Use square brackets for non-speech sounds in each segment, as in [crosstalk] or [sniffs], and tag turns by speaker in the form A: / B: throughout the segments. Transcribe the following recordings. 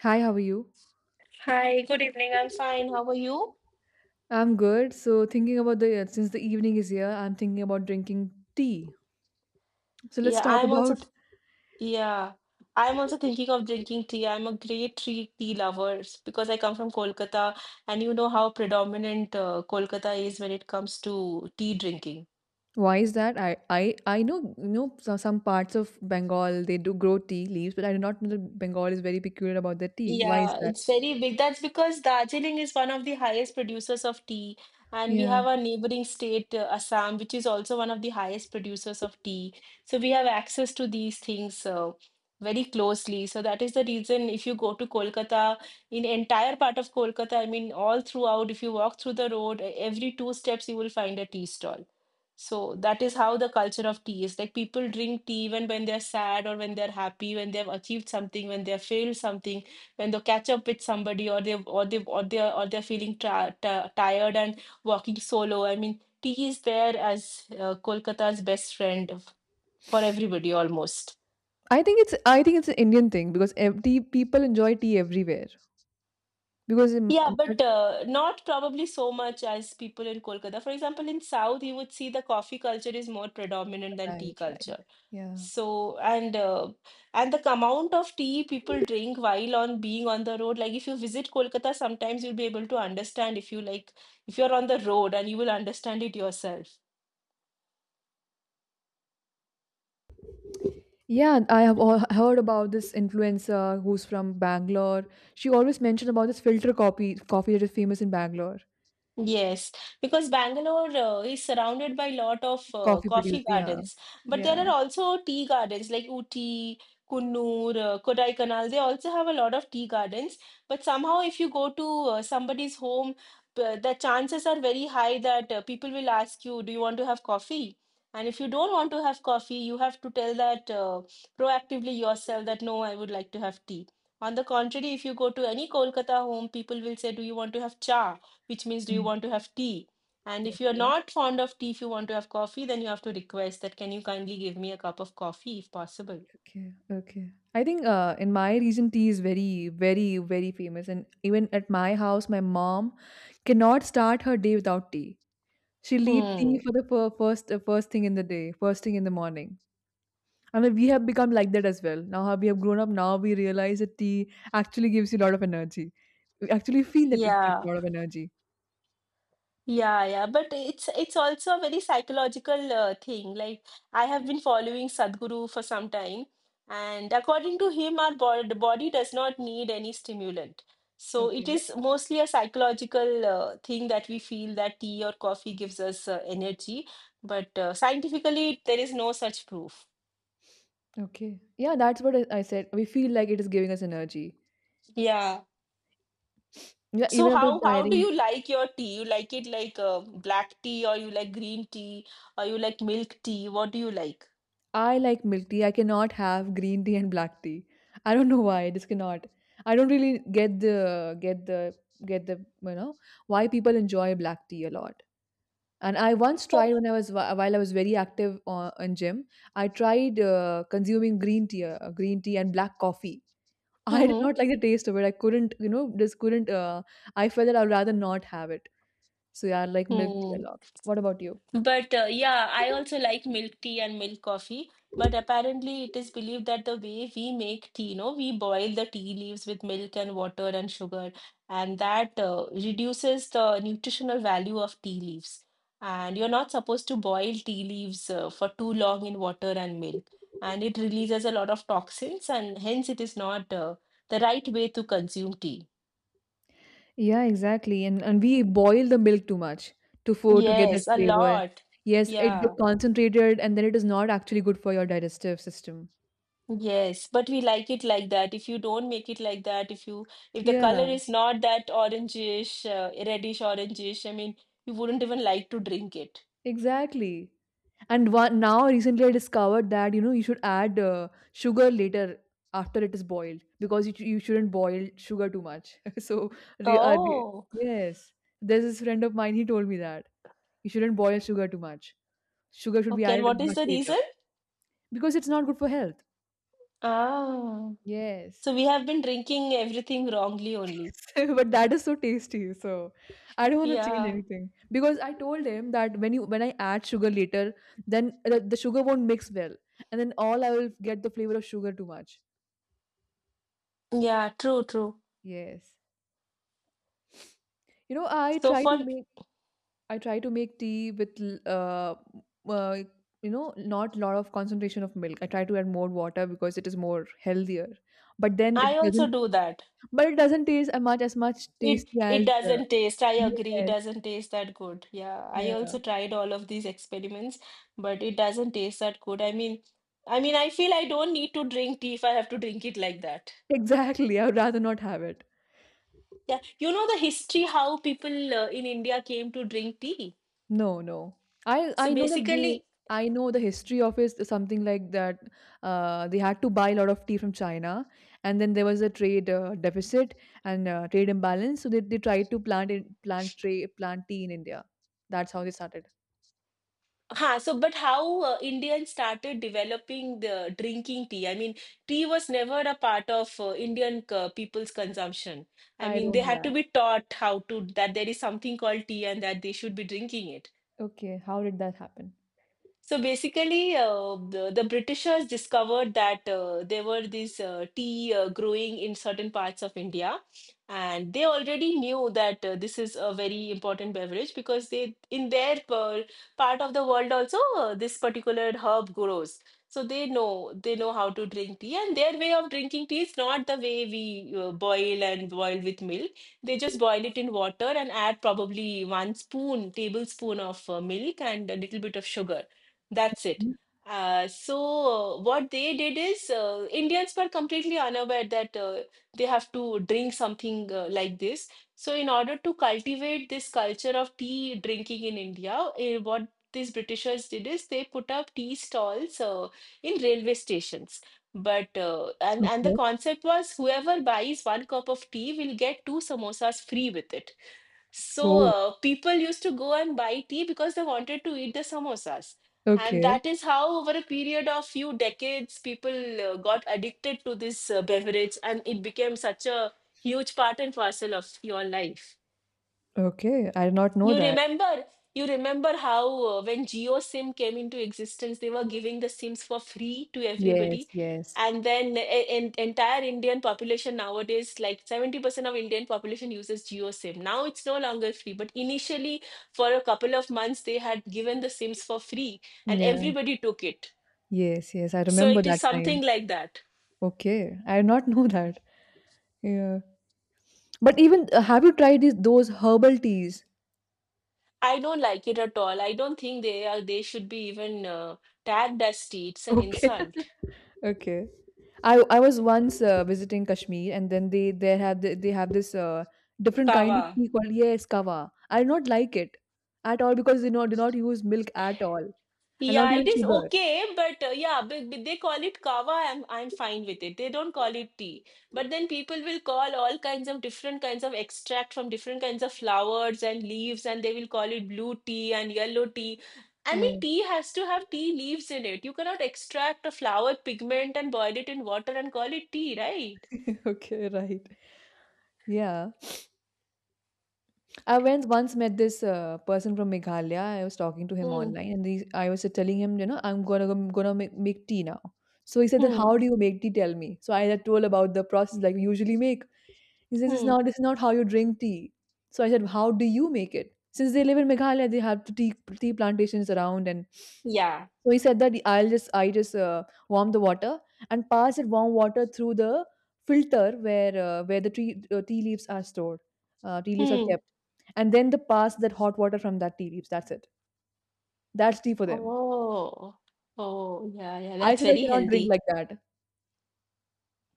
A: Hi, how are you?
B: Hi, good evening. I'm fine. How are you?
A: I'm good. So, thinking about the since the evening is here, I'm thinking about drinking tea. So, let's
B: Yeah,
A: talk
B: I'm also
A: about.
B: th- yeah. I'm also thinking of drinking tea. I'm a great tea lover because I come from Kolkata, and you know how predominant Kolkata is when it comes to tea drinking.
A: Why is that? I know some parts of Bengal they do grow tea leaves, but I do not know that Bengal is very peculiar about their tea. Why is
B: Yeah,
A: that?
B: it's very big. That's because Darjeeling is one of the highest producers of tea, and we
A: Yeah,
B: have our neighboring state, Assam, which is also one of the highest producers of tea. So we have access to these things very closely. So that is the reason, if you go to Kolkata, in entire part of Kolkata, I mean, all throughout, if you walk through the road, every two steps you will find a tea stall. So that is how the culture of tea is. Like, people drink tea even when they're sad or when they're happy, when they've achieved something, when they've failed something, when they catch up with somebody or they're feeling tired and walking solo. I mean, tea is there as Kolkata's best friend for everybody almost.
A: I think it's an Indian thing because tea people enjoy tea everywhere because in,
B: Yeah, but not probably so much as people in Kolkata. For example, in South, you would see the coffee culture is more predominant than tea
A: right, right.
B: culture.
A: Yeah.
B: So and uh, and the amount of tea people drink while on being on the road, like if you visit Kolkata, sometimes you'll be able to understand if you like, if you're on the road and you will understand it yourself.
A: Yeah, I have all heard about this influencer who's from Bangalore. She always mentioned about this filter coffee that is famous in Bangalore.
B: Yes, because Bangalore is surrounded by lot of
A: Coffee producer,
B: coffee
A: yeah,
B: gardens, but there
A: yeah.
B: are also tea gardens like Ooty, Kunnur, Kodaikanal. They also have a lot of tea gardens, but somehow if you go to somebody's home, the chances are very high that people will ask you, "Do you want to have coffee?" And if you don't want to have coffee, you have to tell that proactively yourself that no, I would like to have tea. On the contrary, if you go to any Kolkata home, people will say, "Do you want to have cha?" which means, do you
A: Mm.
B: want to have tea? And if you're
A: Okay,
B: not fond of tea, if you want to have coffee, then you have to request that, can you kindly give me a cup of coffee if possible?
A: okay, okay. I think in my region, tea is very, very, very famous. And even at my house, my mom cannot start her day without tea. She'll eat tea
B: Hmm.
A: for the first thing in the day, first thing in the morning. And then we have become like that as well. Now how we have grown up, now we realize that tea actually gives you a lot of energy. We actually feel that it gives a
B: Yeah.
A: lot of energy.
B: Yeah, yeah. But it's also a very psychological thing. Like, I have been following Sadhguru for some time, and according to him, our body, the body does not need any stimulant. So it
A: Okay.
B: is mostly a psychological thing, that we feel that tea or coffee gives us energy, but scientifically, there is no such proof.
A: Okay. Yeah, that's what I said. We feel like it is giving us energy.
B: Yeah.
A: Yeah,
B: So
A: even after
B: how do
A: tiring,
B: you like your tea? You like it like black tea, or you like green tea, or you like milk tea? What do you like?
A: I like milk tea. I cannot have green tea and black tea. I don't know why. I just cannot. I don't really get the get the get the you know why people enjoy black tea a lot. And I once
B: For
A: tried when I was while I was very active on in gym, I tried consuming green tea and black coffee. [laughs] I did not like the taste of it. I couldn't, just couldn't. I felt that I'd rather not have it. So yeah, I like milk tea a lot.
B: Mm-hmm.
A: What about you?
B: But yeah, I also like milk tea and milk coffee. But apparently, it is believed that the way we make tea, you know, we boil the tea leaves with milk and water and sugar, and that reduces the nutritional value of tea leaves. And you're not supposed to boil tea leaves for too long in water and milk, and it releases a lot of toxins, and hence it is not the right way to consume tea.
A: Yeah, exactly. And we boil the milk too much to get that
B: Yes, a
A: flavor.
B: lot.
A: Yes, it gets
B: Yeah.
A: concentrated, and then it is not actually good for your digestive system.
B: Yes, but we like it like that. If you don't make it like that, if you, if the color
A: Yeah,
B: is not that orangish, reddish orangish, I mean, you wouldn't even like to drink it.
A: exactly. And now recently I discovered that you should add sugar later after it is boiled because you shouldn't boil sugar too much. [laughs] So re, uh, re-
B: Oh,
A: yes, there's this friend of mine. He told me that you shouldn't boil sugar too much. Sugar should be
B: okay. And
A: added
B: what is
A: much
B: the
A: later
B: reason?
A: because it's not good for health.
B: Ah, so
A: Yes.
B: we have been drinking everything wrongly only.
A: [laughs] But that is so tasty. So I don't want to change
B: Yeah,
A: anything because I told him that when you when I add sugar later, then the sugar won't mix well, and then all I will get the flavor of sugar too much.
B: yeah, true, true.
A: Yes. You know,
B: So for
A: I try to make tea with uh not lot of concentration of milk. I try to add more water because it is more healthier. But then
B: I
A: it
B: also
A: doesn't
B: do that.
A: but it doesn't taste as much
B: It
A: tasty
B: it
A: as
B: doesn't taste. I agree, it
A: yes.
B: doesn't taste that good. Yeah, I
A: Yeah.
B: also
A: [laughs]
B: tried all of these experiments, but it doesn't taste that good. I mean, I feel I don't need to drink tea if I have to drink it like that.
A: Exactly. I would rather not have it.
B: Yeah, you know the history how people in India came to drink tea.
A: No, no. I
B: So
A: I know that they
B: basically,
A: I know the history of is something like that. They had to buy a lot of tea from China, and then there was a trade deficit and trade imbalance. So they tried to plant tea in India. That's how they started.
B: Ha, so but how Indians started developing the drinking tea? I mean, tea was never a part of Indian people's consumption. I
A: I
B: mean,
A: don't
B: they
A: know
B: had to
A: that.
B: be taught how to, that there is something called tea and that they should be drinking it.
A: Okay, how did that happen?
B: So basically, the Britishers discovered that there were these tea growing in certain parts of India, and they already knew that this is a very important beverage because they, in their part of the world also, this particular herb grows. So they know how to drink tea, and their way of drinking tea is not the way we boil and boil with milk. They just boil it in water and add probably one spoon, tablespoon of milk and a little bit of sugar, that's it.
A: Hmm.
B: What they did is, Indians were completely unaware that they have to drink something like this. So in order to cultivate this culture of tea drinking in India, what these Britishers did is, they put up tea stalls in railway stations. But and the
A: Okay.
B: concept was, whoever buys one cup of tea will get two samosas free with it. So
A: Oh.
B: people used to go and buy tea because they wanted to eat the samosas. And
A: Okay.
B: that is how, over a period of few decades, people got addicted to this beverage, and it became such a huge part and parcel of your life.
A: Okay. I did not know
B: You
A: that.
B: remember, you remember how when GeoSim came into existence, they were giving the SIMs for free to
A: Yes.
B: everybody.
A: Yes.
B: And then in, entire Indian population nowadays, like 70% of Indian population uses GeoSim. Now it's no longer free, but initially, for a couple of months, they had given the SIMs for free, and
A: Yeah.
B: everybody took it.
A: Yes. Yes. I
B: So
A: remember
B: it is
A: that
B: something
A: time.
B: like that.
A: Okay, I did not [laughs] know that. Yeah. But even have you tried these those herbal teas?
B: I don't like it at all. I don't think they are, they should be even tagged as tea. It's an
A: Okay.
B: insult.
A: [laughs] Okay. I was once visiting Kashmir, and then they they have this different kind of
B: Kawa.
A: tea called, yes, kawa. I do not like it at all because they not do not use milk at all and not
B: Yeah, it
A: even
B: is
A: sugar.
B: okay, but yeah, but they call it kava. I'm fine with it. They don't call it tea. But then people will call all kinds of different kinds of extract from different kinds of flowers and leaves, and they will call it blue tea and yellow tea. I mean,
A: Oh,
B: tea has to have tea leaves in it. You cannot extract a flower pigment and boil it in water and call it tea, right?
A: [laughs] okay, right. Yeah. I went once met this person from Meghalaya. I was talking to him
B: Hmm.
A: online, and these I was telling him, I'm gonna make tea now. So he said that
B: Hmm.
A: how do you make tea? Tell me. So I had told about the process like we usually make. He says it's
B: Hmm.
A: not this is not how you drink tea. So I said how do you make it? Since they live in Meghalaya, they have tea plantations around. And
B: Yeah.
A: so he said that I just warm the water and pass that warm water through the filter where the tree tea leaves are stored, tea leaves are
B: Hmm.
A: kept, and then the pass that hot water from that tea leaves. That's it. That's tea for them.
B: Oh. Oh, yeah, yeah.
A: I
B: That's
A: said I
B: very
A: cannot drink
B: healthy.
A: like that.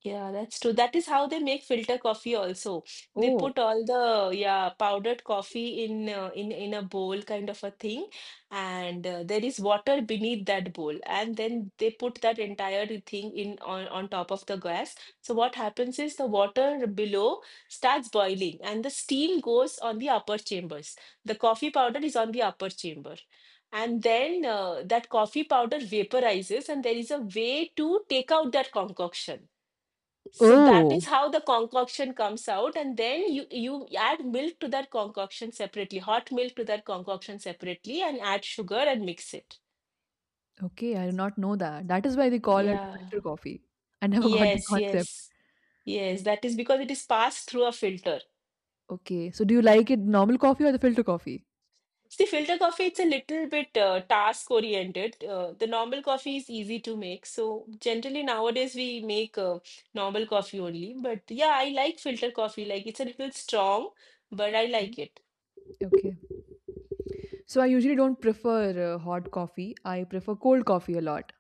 B: Yeah, that's true. That is how they make filter coffee also. They
A: Oh,
B: put all the yeah powdered coffee in in a bowl kind of a thing, and there is water beneath that bowl, and then they put that entire thing in on top of the gas. So what happens is, the water below starts boiling, and the steam goes on the upper chambers. The coffee powder is on the upper chamber. And then that coffee powder vaporizes, and there is a way to take out that concoction, so that is
A: oh,
B: how the concoction comes out, and then you add milk to that concoction separately, hot milk to that concoction separately, and add sugar and mix it.
A: okay. I did not know that. That is why they call it
B: Yeah.
A: filter coffee. I never [laughs] got the
B: Yes,
A: concept.
B: yes, yes, that is because it is passed through a filter.
A: Okay, so do you like it normal coffee or the filter coffee?
B: See, filter coffee, it's a little bit task oriented. The normal coffee is easy to make, so generally nowadays we make normal coffee only, but yeah, I like filter coffee, like, it's a little strong, but I
A: Mm.
B: like it.
A: Okay. So I usually don't prefer hot coffee. I prefer cold coffee a lot.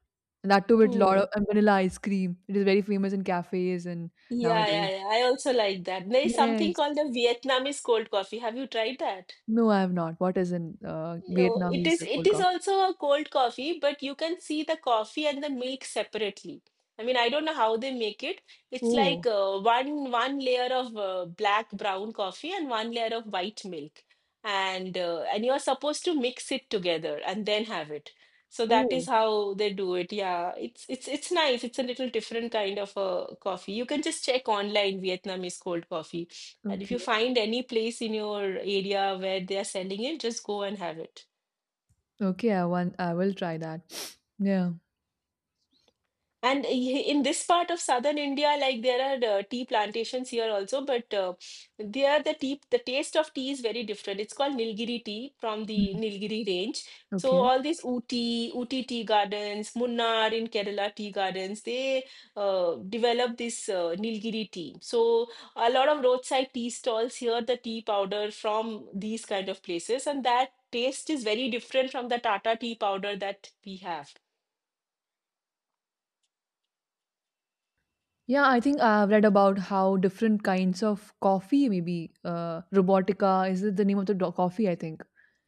A: And that too with lot of
B: Hmm.
A: and vanilla ice cream. It is very famous in cafes and
B: Yeah,
A: nowadays.
B: yeah, yeah. I also like that. There is something called
A: Yes.
B: the Vietnamese cold coffee. Have you tried that?
A: No, I have not. What is in
B: Oh, It
A: Vietnamese
B: is it
A: cold
B: is
A: coffee?
B: also a cold coffee, but you can see the coffee and the milk separately. I mean, I don't know how they make it. It's like
A: Oh,
B: one layer of black brown coffee and one layer of white milk, and you're supposed to mix it together and then have it. So that is
A: oh,
B: how they do it. Yeah, it's nice. It's a little different kind of a coffee. You can just check online Vietnamese cold coffee, and if you
A: okay.
B: find any place in your area where they are selling it, just go and have it.
A: Okay, I will try that. [sniffs] Yeah.
B: And in this part of southern India, like, there are tea plantations here also, but there the tea, the taste of tea is very different. It's called Nilgiri tea from the
A: Mhm.
B: Nilgiri range. So
A: Okay.
B: all these Uti tea gardens, Munnar in Kerala tea gardens, they develop this Nilgiri tea. So a lot of roadside tea stalls here, the tea powder from these kind of places, and that taste is very different from the Tata tea powder that we have.
A: Yeah, I think I've read about how different kinds of coffee, maybe Robotica, is it the name of the coffee, I think.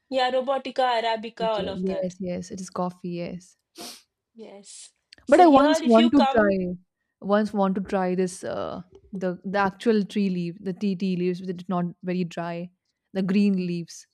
B: Yeah, Robotica, Arabica,
A: Okay,
B: all of that.
A: yes, yes, it is coffee, yes.
B: Yes.
A: But
B: So
A: I
B: here,
A: once
B: if you
A: want to
B: come.
A: try, once want to try this the actual tree leaf, the tea leaves, which is not very dry, the green leaves.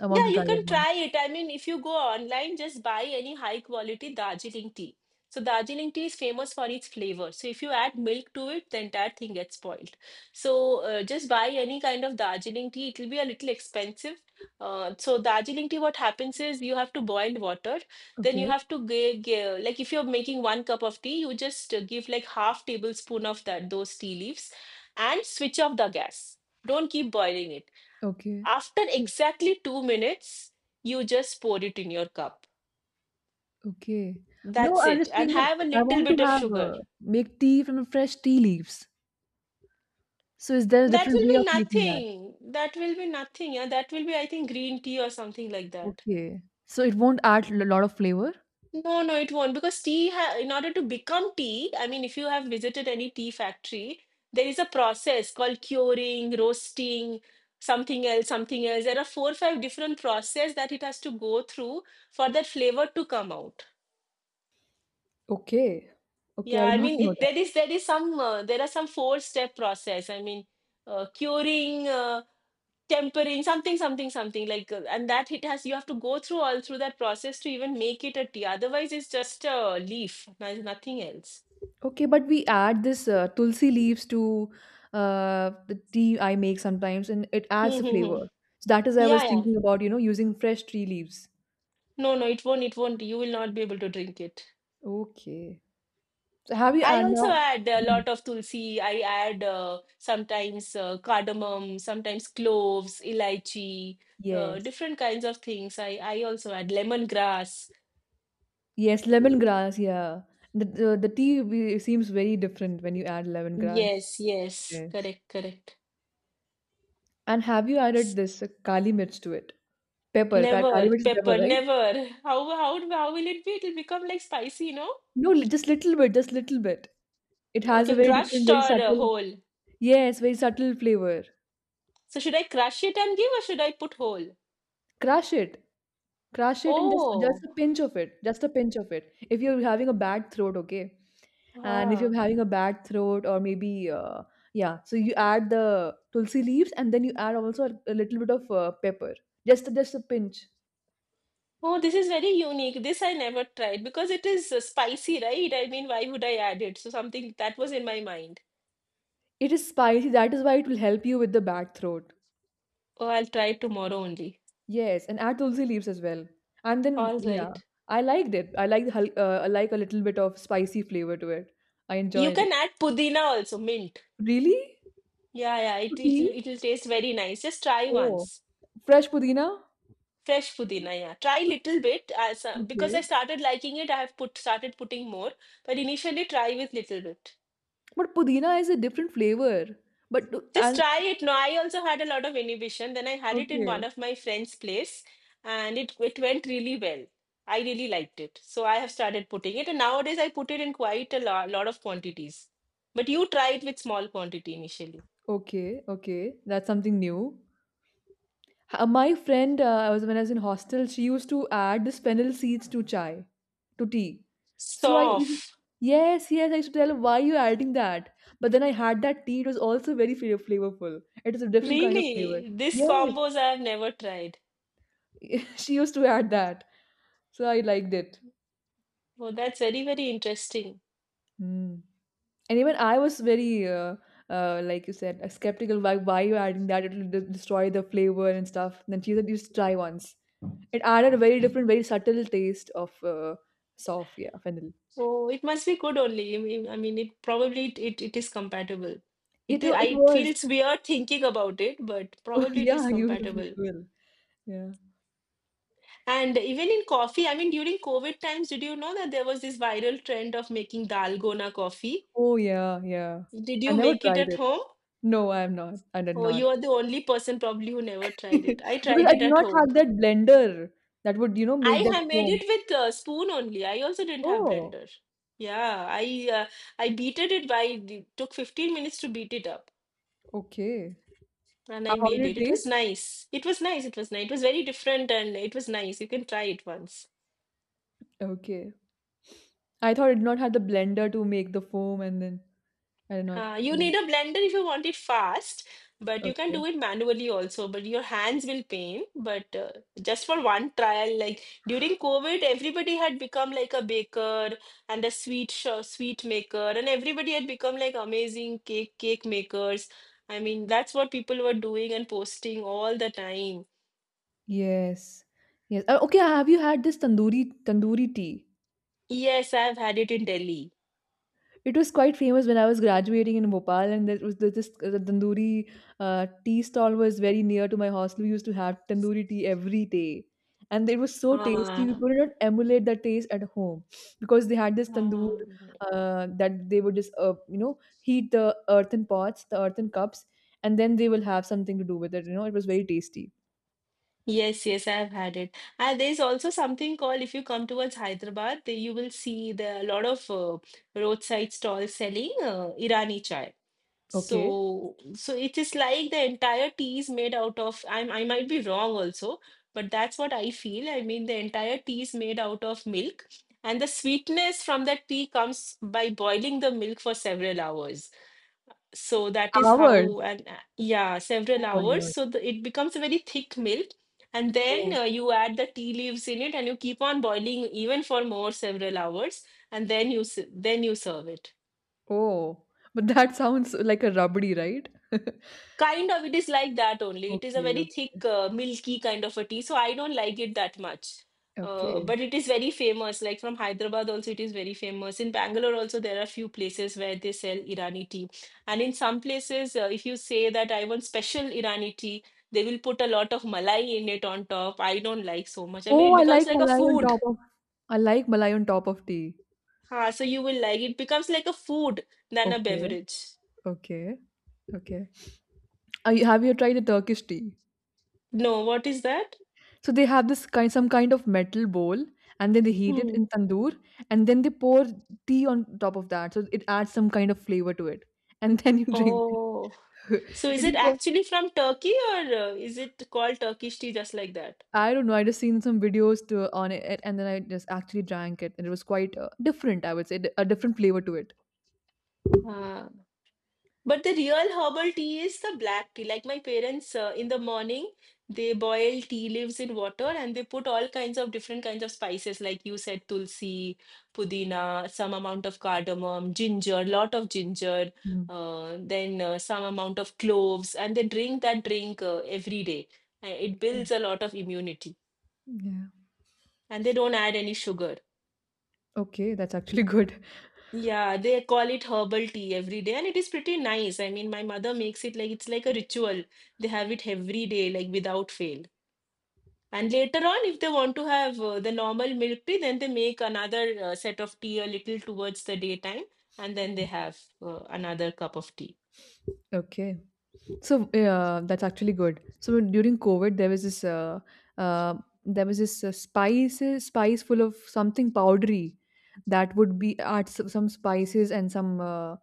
A: I want
B: Yeah,
A: to
B: you
A: try that
B: can try
A: once.
B: it. I mean, if you go online, just buy any high quality Darjeeling tea. So Darjeeling tea is famous for its flavor. So if you add milk to it, the entire thing gets spoiled. So just buy any kind of Darjeeling tea. It will be a little expensive. So Darjeeling tea, what happens is you have to boil water. Then you
A: Okay,
B: have to give, like if you're making one cup of tea, you just give like half tablespoon of that those tea leaves, and switch off the gas. Don't keep boiling it
A: okay,
B: after exactly 2 minutes, you just pour it in your cup.
A: okay. No,
B: That's
A: I'm
B: it.
A: just
B: And
A: saying that
B: have a
A: I
B: little
A: want to
B: bit of
A: have
B: sugar.
A: make tea from fresh tea leaves. So is there a
B: That
A: different
B: will
A: way
B: be
A: of making that?
B: nothing. That will be nothing. Yeah, that will be, I think, green tea or something like that.
A: Okay. So it won't add a lot of flavor.
B: No, no, it won't. Because tea, ha in order to become tea, I mean, if you have visited any tea factory, there is a process called curing, roasting, something else, something else. There are four, five different process that it has to go through for that flavor to come out.
A: Okay. Okay,
B: Yeah,
A: I did
B: I
A: not
B: mean
A: know.
B: there is some there are some four step process. I mean curing, tempering, something, something, something like, and that it has you have to go through all through that process to even make it a tea. Otherwise, it's just a leaf. There's nothing else.
A: Okay, but we add this tulsi leaves to the tea I make sometimes, and it
B: [laughs]
A: adds a
B: yeah,
A: flavor. So that is I was
B: yeah.
A: thinking about, using fresh tree leaves.
B: No, no, it won't. It won't. You will not be able to drink it.
A: Okay. So have you
B: I
A: add
B: also
A: now?
B: add a
A: Mm.
B: lot of tulsi. I add sometimes cardamom, sometimes cloves, elaichi,
A: Yes.
B: different kinds of things. I also add lemongrass.
A: Yes, lemongrass. Yeah. The seems very different when you add lemongrass.
B: Yes, yes,
A: Yes.
B: correct, correct.
A: And have you
B: S-
A: added this kali mirch to it? Pepper. Kali
B: Never
A: mirch is pepper,
B: pepper,
A: right?
B: never. How will it be? It'll become like spicy, no?
A: No, just little bit. Just little bit. It has a
B: Okay,
A: very different,
B: crushed
A: very
B: or
A: subtle.
B: whole?
A: Yes, very subtle flavor.
B: So should I crush it and give, or should I put whole?
A: Crush it. Crush it and just
B: Oh,
A: a pinch of it. Just a pinch of it. If you're having a bad throat, okay? And if you're
B: ah,
A: having a bad throat or maybe yeah, so you add the tulsi leaves and then you add also a little bit of pepper. Just a pinch.
B: Oh, this is very unique. This I never tried because it is spicy, right? I mean, why would I add it? So something that was in my mind.
A: It is spicy. That is why it will help you with the bad throat.
B: Oh, I'll try tomorrow only.
A: Yes, and add tulsi leaves as well. And then,
B: All
A: yeah,
B: right.
A: I liked it. I like a little bit of spicy flavor to it. I
B: You
A: enjoyed
B: can
A: it.
B: add pudina also, mint.
A: Really?
B: Yeah, yeah,
A: To
B: it it'll,
A: tea?
B: it'll taste very nice. Just try
A: Oh,
B: once.
A: fresh pudina?
B: Fresh pudina, yeah. Try little bit as so, because I
A: Okay.
B: started liking it, I have put started putting more, but initially try with little bit.
A: But pudina is a different flavor. But
B: Just
A: and
B: try it. No, I also had a lot of inhibition, then I had it in one
A: okay.
B: of my friends place and it went really well. I really liked it, so I have started putting it, and nowadays I put it in quite a lot of quantities, but you try it with small quantity initially.
A: Okay, okay, that's something new. My friend, I was when I was in hostel, she used to add the fennel seeds to chai, to tea. So I used to-
B: Soft
A: yes, yes, I used to tell her why are you adding that. But then I had that tea; it was also very flavorful. It is a different kind of flavor.
B: Really, these
A: Yes,
B: combos I have never tried.
A: [laughs] she used to add that, so I liked it.
B: Oh, that's very very interesting.
A: Hmm. And even I was very like you said, skeptical why you adding that it'll destroy the flavor and stuff. Then she said just try once. It added a very different very subtle taste of soft, yeah, fennel.
B: Oh, it must be good only. I mean, it probably it is compatible. it i
A: It
B: it
A: was
B: feels weird thinking about it, but
A: [laughs]
B: probably it is
A: yeah, you will you
B: compatible.
A: will yeah.
B: And even in coffee, I mean, during COVID times, did you know that there was this viral trend of making dalgona coffee?
A: Oh, yeah, yeah.
B: Did
A: I
B: you
A: never
B: make it
A: tried
B: at
A: it.
B: home?
A: No, I did
B: Oh,
A: not.
B: you are the only person probably who never
A: [laughs]
B: tried it. I
A: Because
B: tried
A: I
B: it
A: did
B: at
A: not
B: home.
A: have that blender that would
B: I
A: make that
B: have made
A: foam.
B: it with a spoon only. I also didn't have
A: Oh,
B: blender. Yeah, I beated it by it took 15 minutes to beat it up,
A: okay,
B: and
A: how,
B: I
A: how
B: made
A: did
B: it. It
A: it
B: was
A: taste?
B: nice. It was nice. It was nice. It was very different, and it was nice. You can try it once.
A: Okay, I thought it did not have the blender to make the foam, and then I did not.
B: You
A: Yeah.
B: need a blender if you want it fast, but you can do
A: Okay.
B: it manually also. But your hands will pain. But Just for one trial, like during COVID, everybody had become like a baker and a sweet maker, and everybody had become like amazing cake makers. I mean, that's what people were doing and posting all the time.
A: Yes. Yes. Okay. Have you had this tandoori tea?
B: Yes, I've had it in Delhi.
A: It was quite famous when I was graduating in Bhopal, and there was this this the tandoori tea stall was very near to my hostel. We used to have tandoori tea every day, and it was so tasty. We
B: Ah,
A: could not emulate that taste at home because they had this tandoor
B: ah.
A: that they would just heat the earthen pots, the earthen cups, and then they will have something to do with it. You know, it was very tasty.
B: Yes, yes, I've had it. And there's also something called, if you come towards Hyderabad, there you will see the a lot of roadside stalls selling Irani chai.
A: Okay.
B: So it is like the entire tea is made out of. I might be wrong also, but that's what I feel. I mean, the entire tea is made out of milk, and the sweetness from that tea comes by boiling the milk for several hours. So that is
A: Hours.
B: how, and yeah, several
A: Oh my
B: hours,
A: god.
B: so it becomes a very thick milk, and then
A: Oh.
B: you add the tea leaves in it, and you keep on boiling even for more several hours, and then then you serve it.
A: Oh, but that [laughs] sounds like a rubbery, right? [laughs]
B: Kind of, it is like that only. It is a
A: Okay,
B: very thick, milky kind of a tea, so I don't like it that much.
A: okay.
B: But it is very famous. Like from Hyderabad, also it is very famous. In Bangalore, also there are few places where they sell Irani tea, and in some places, if you say that I want special Irani tea, they will put a lot of malai in it on top. I don't like so much. I mean,
A: Oh,
B: it
A: I
B: becomes
A: like
B: like a
A: malai on
B: food.
A: top of I like malai on top of tea.
B: Ah, so you will like it becomes like a food than a
A: Okay,
B: beverage.
A: okay, okay. Have you tried the Turkish tea?
B: No, what is that?
A: So they have this kind some kind of metal bowl, and then they heat it
B: Hmm.
A: in tandoor, and then they pour tea on top of that. So it adds some kind of flavor to it. [laughs] And then you drink it.
B: Oh. So
A: [laughs]
B: is
A: It is
B: it
A: called,
B: actually from Turkey, or is it called Turkish tea just like that?
A: I don't know. I just seen some videos to, on it, and then I just actually drank it, and it was quite different, I would say, a different flavor to it.
B: Ah. But the real herbal tea is the black tea. Like my parents in the morning, they boil tea leaves in water, and they put all kinds of different kinds of spices, like you said, tulsi, pudina, some amount of cardamom, ginger, lot of ginger,
A: Mm,
B: then some amount of cloves, and they drink that drink every day. It
A: yeah.
B: builds a lot of immunity,
A: Yeah.
B: and they don't add any sugar.
A: Okay, that's actually [laughs] good.
B: Yeah, they call it herbal tea every day, and it is pretty nice. I mean, my mother makes it like it's like a ritual. They have it every day, like without fail. And later on, if they want to have the normal milk tea, then they make another set of tea a little towards the daytime, and then they have another cup of tea.
A: Okay. So that's actually good. So during COVID, uh, there was this spice full of something powdery that would be some spices and some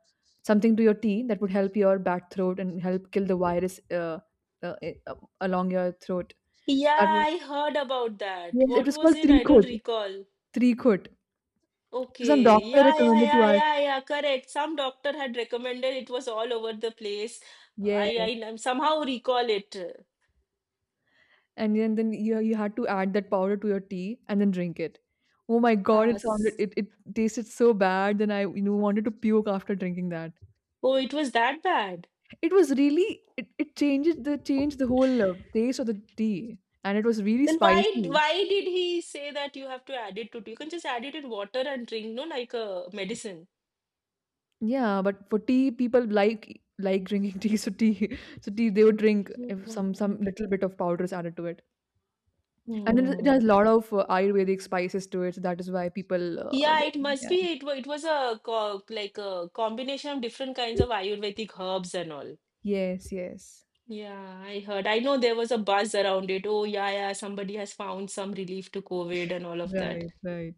A: something to your tea that would help your bad throat and help kill the virus uh, i- uh, along your throat.
B: Yeah,
A: That
B: I heard about that.
A: Yes, it
B: What
A: was
B: was
A: called
B: it? I don't
A: Treekhot.
B: recall.
A: Treekhut. So some
B: Okay.
A: doctor
B: Yeah, yeah,
A: recommended to
B: yeah,
A: us.
B: yeah, yeah. Correct. Some doctor had recommended, it was all over the place.
A: Yes.
B: Somehow recall it.
A: And then you had to add that powder to your tea and then drink it. Oh my god,
B: Ah,
A: it sounded
B: s-
A: it tasted so bad. Then I you know wanted to puke after drinking that.
B: oh, it was that bad.
A: It was really it changed the whole taste of the tea, and it was really
B: Then
A: spicy.
B: why did he say that you have to add it to tea? You can just add it in water and drink, no, like a medicine.
A: Yeah, but for tea, people like drinking [laughs] tea, so tea [laughs] so tea they would drink if some
B: Mm.
A: little bit of powder is added to it. And it
B: Hmm.
A: has a lot of Ayurvedic spices to it, so that is why people,
B: Yeah, it must
A: yeah.
B: be. It was a co like a combination of different kinds of Ayurvedic herbs and all.
A: Yes, yes.
B: Yeah, I heard. I know there was a buzz around it. Oh, yeah, yeah, somebody has found some relief to COVID and all of that.
A: Right, right.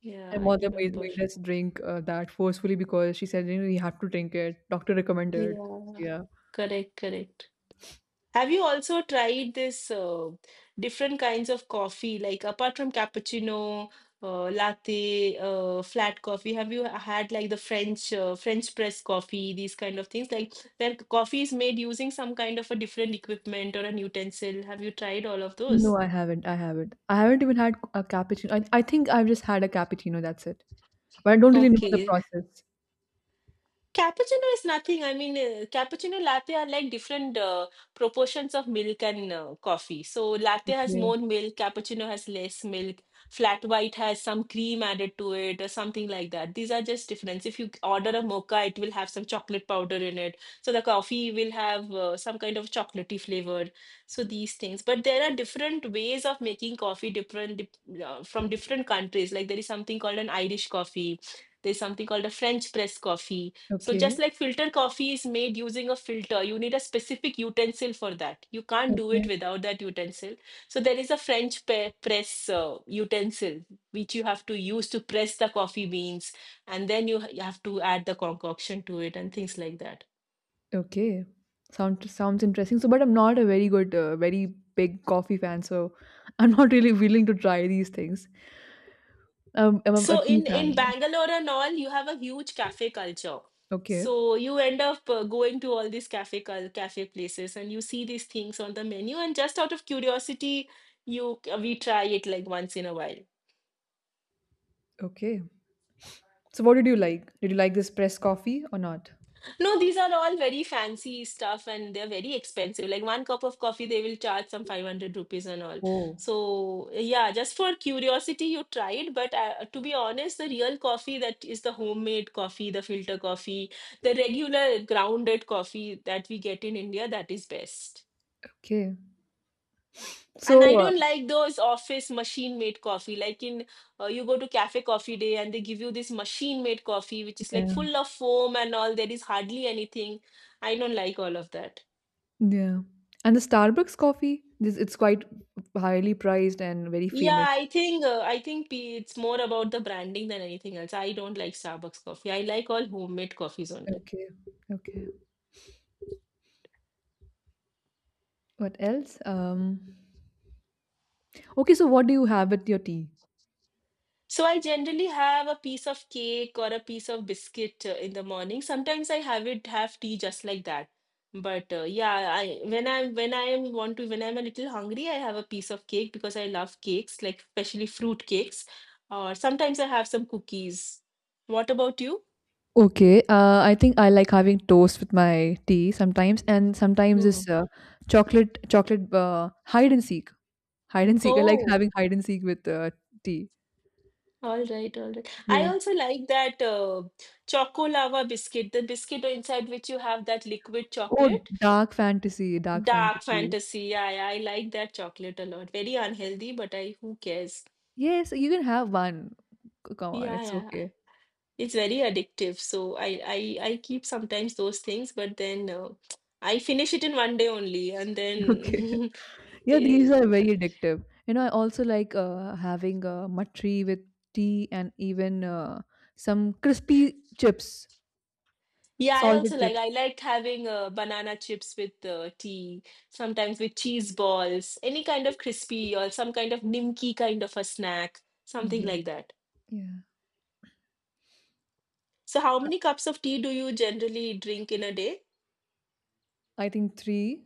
B: Yeah,
A: And
B: I
A: mother made,
B: remember.
A: made us drink that forcefully because she said, you know, you have to drink it. Doctor recommended.
B: Yeah,
A: Yeah.
B: correct, correct. Have you also tried this different kinds of coffee, like apart from cappuccino, latte, flat coffee? Have you had like the French press coffee, these kind of things, like where coffee is made using some kind of a different equipment or an utensil? Have you tried all of those?
A: No, I haven't. I haven't. I haven't even had a cappuccino. I think I've just had a cappuccino. That's it. But I don't really know the
B: Okay.
A: process.
B: Cappuccino is nothing. I mean, cappuccino latte are like different proportions of milk and coffee. So latte has
A: Okay.
B: more milk, cappuccino has less milk, flat white has some cream added to it or something like that. These are just difference. If you order a mocha, it will have some chocolate powder in it. So the coffee will have some kind of chocolatey flavor. So these things. But there are different ways of making coffee from different countries. Like there is something called an Irish coffee. There's something called a French press coffee. So just
A: Okay.
B: like filter coffee is made using a filter, you need a specific utensil for that. You can't do it
A: Okay.
B: without that utensil. So there is a press utensil which you have to use to press the coffee beans, and then you have to add the concoction to it and things like that.
A: Okay. Sound, sounds interesting. So, but I'm not a very very big coffee fan. So I'm not really willing to try these things. I'm a
B: So
A: tea
B: in
A: fan more.
B: Bangalore and all, you have a huge cafe culture.
A: Okay.
B: So you end up going to all these cafe places, and you see these things on the menu, and just out of curiosity, you we try it like once in a while.
A: Okay. So what did you like? Did you like this pressed coffee or not?
B: No, these are all very fancy stuff and they're very expensive. Like one cup of coffee, they will charge some 500 rupees and all.
A: Oh.
B: So, yeah, just for curiosity, you tried. But to be honest, the real coffee that is the homemade coffee, the filter coffee, the regular grounded coffee that we get in India, that is best.
A: Okay.
B: And I
A: So
B: don't like those office machine made coffee. Like in you go to cafe coffee day and they give you this machine made coffee, which is like
A: yeah,
B: full of foam and all. There is hardly anything. I don't like all of that.
A: yeah. And the Starbucks coffee, this it's quite highly priced and very famous.
B: Yeah, it's more about the branding than anything else. I don't like Starbucks coffee. I like all homemade coffees only.
A: Okay. Okay. What else? Okay, so what do you have with your tea?
B: So I generally have a piece of cake or a piece of biscuit in the morning. Sometimes I have it have tea just like that. But yeah, I when I when I am want to when I'm a little hungry, I have a piece of cake because I love cakes, like especially fruit cakes. Or sometimes I have some cookies. What about you?
A: Okay. I think I like having toast with my tea sometimes, and sometimes
B: Hmm.
A: this chocolate chocolate hide and seek. Hide and seek. I like
B: Oh,
A: having hide and seek with tea.
B: all right, all right. I
A: Yes.
B: also like that choco lava biscuit, the biscuit inside which you have that liquid
A: Oh,
B: chocolate.
A: dark fantasy, dark
B: Dark
A: fantasy.
B: fantasy. Yeah, yeah. I like that chocolate a lot. Very unhealthy, but I who cares?
A: Yes, you can have one. C- Come on,
B: Yeah,
A: it's
B: yeah.
A: okay.
B: It's very addictive. So I keep sometimes those things, but then I finish it in one day only, and
A: [laughs] Okay.
B: then [laughs]
A: Yeah, these
B: Eh,
A: are very addictive. You know, I also like having a matri with tea and even some crispy chips,
B: yeah, I also
A: salted
B: like,
A: chips.
B: I like having banana chips with tea, sometimes with cheese balls, any kind of crispy or some kind of nimki kind of a snack, something
A: Yeah.
B: like that.
A: Yeah.
B: So how
A: Uh,
B: many cups of tea do you generally drink in a day?
A: I think three.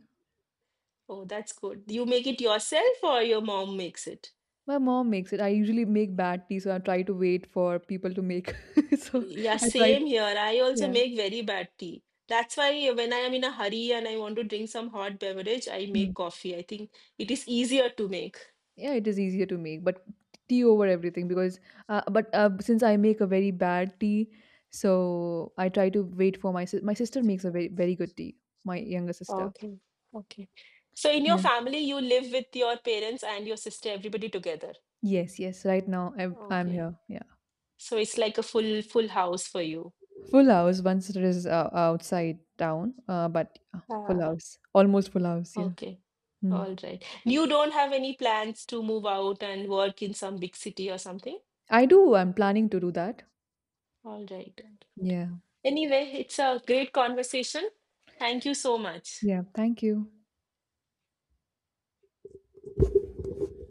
B: Oh, that's good. You make it yourself or your mom makes it?
A: My mom makes it. I usually make bad tea, so I try to wait for people to make. [laughs] So
B: Yeah,
A: I tried.
B: same here. I also
A: Yeah.
B: make very bad tea. That's why when I am in a hurry and I want to drink some hot beverage, I make
A: Hmm.
B: coffee. I think it is easier to make.
A: Yeah, it is easier to make, but tea over everything because but since I make a very bad tea, so I try to wait for my sister makes a very good tea, my younger sister.
B: Okay, okay. So in your
A: Yeah.
B: family, you live with your parents and your sister, everybody together.
A: Yes, yes, right now I'm
B: Okay.
A: here, yeah.
B: So it's like a full house for you.
A: Full house once it is outside town but full
B: Ah,
A: house, almost full house, yeah.
B: okay.
A: Hmm.
B: All right. You don't have any plans to move out and work in some big city or something?
A: I do, I'm planning to do that.
B: All right.
A: Yeah,
B: Anyway, it's a great conversation. Thank you so much.
A: yeah, thank you.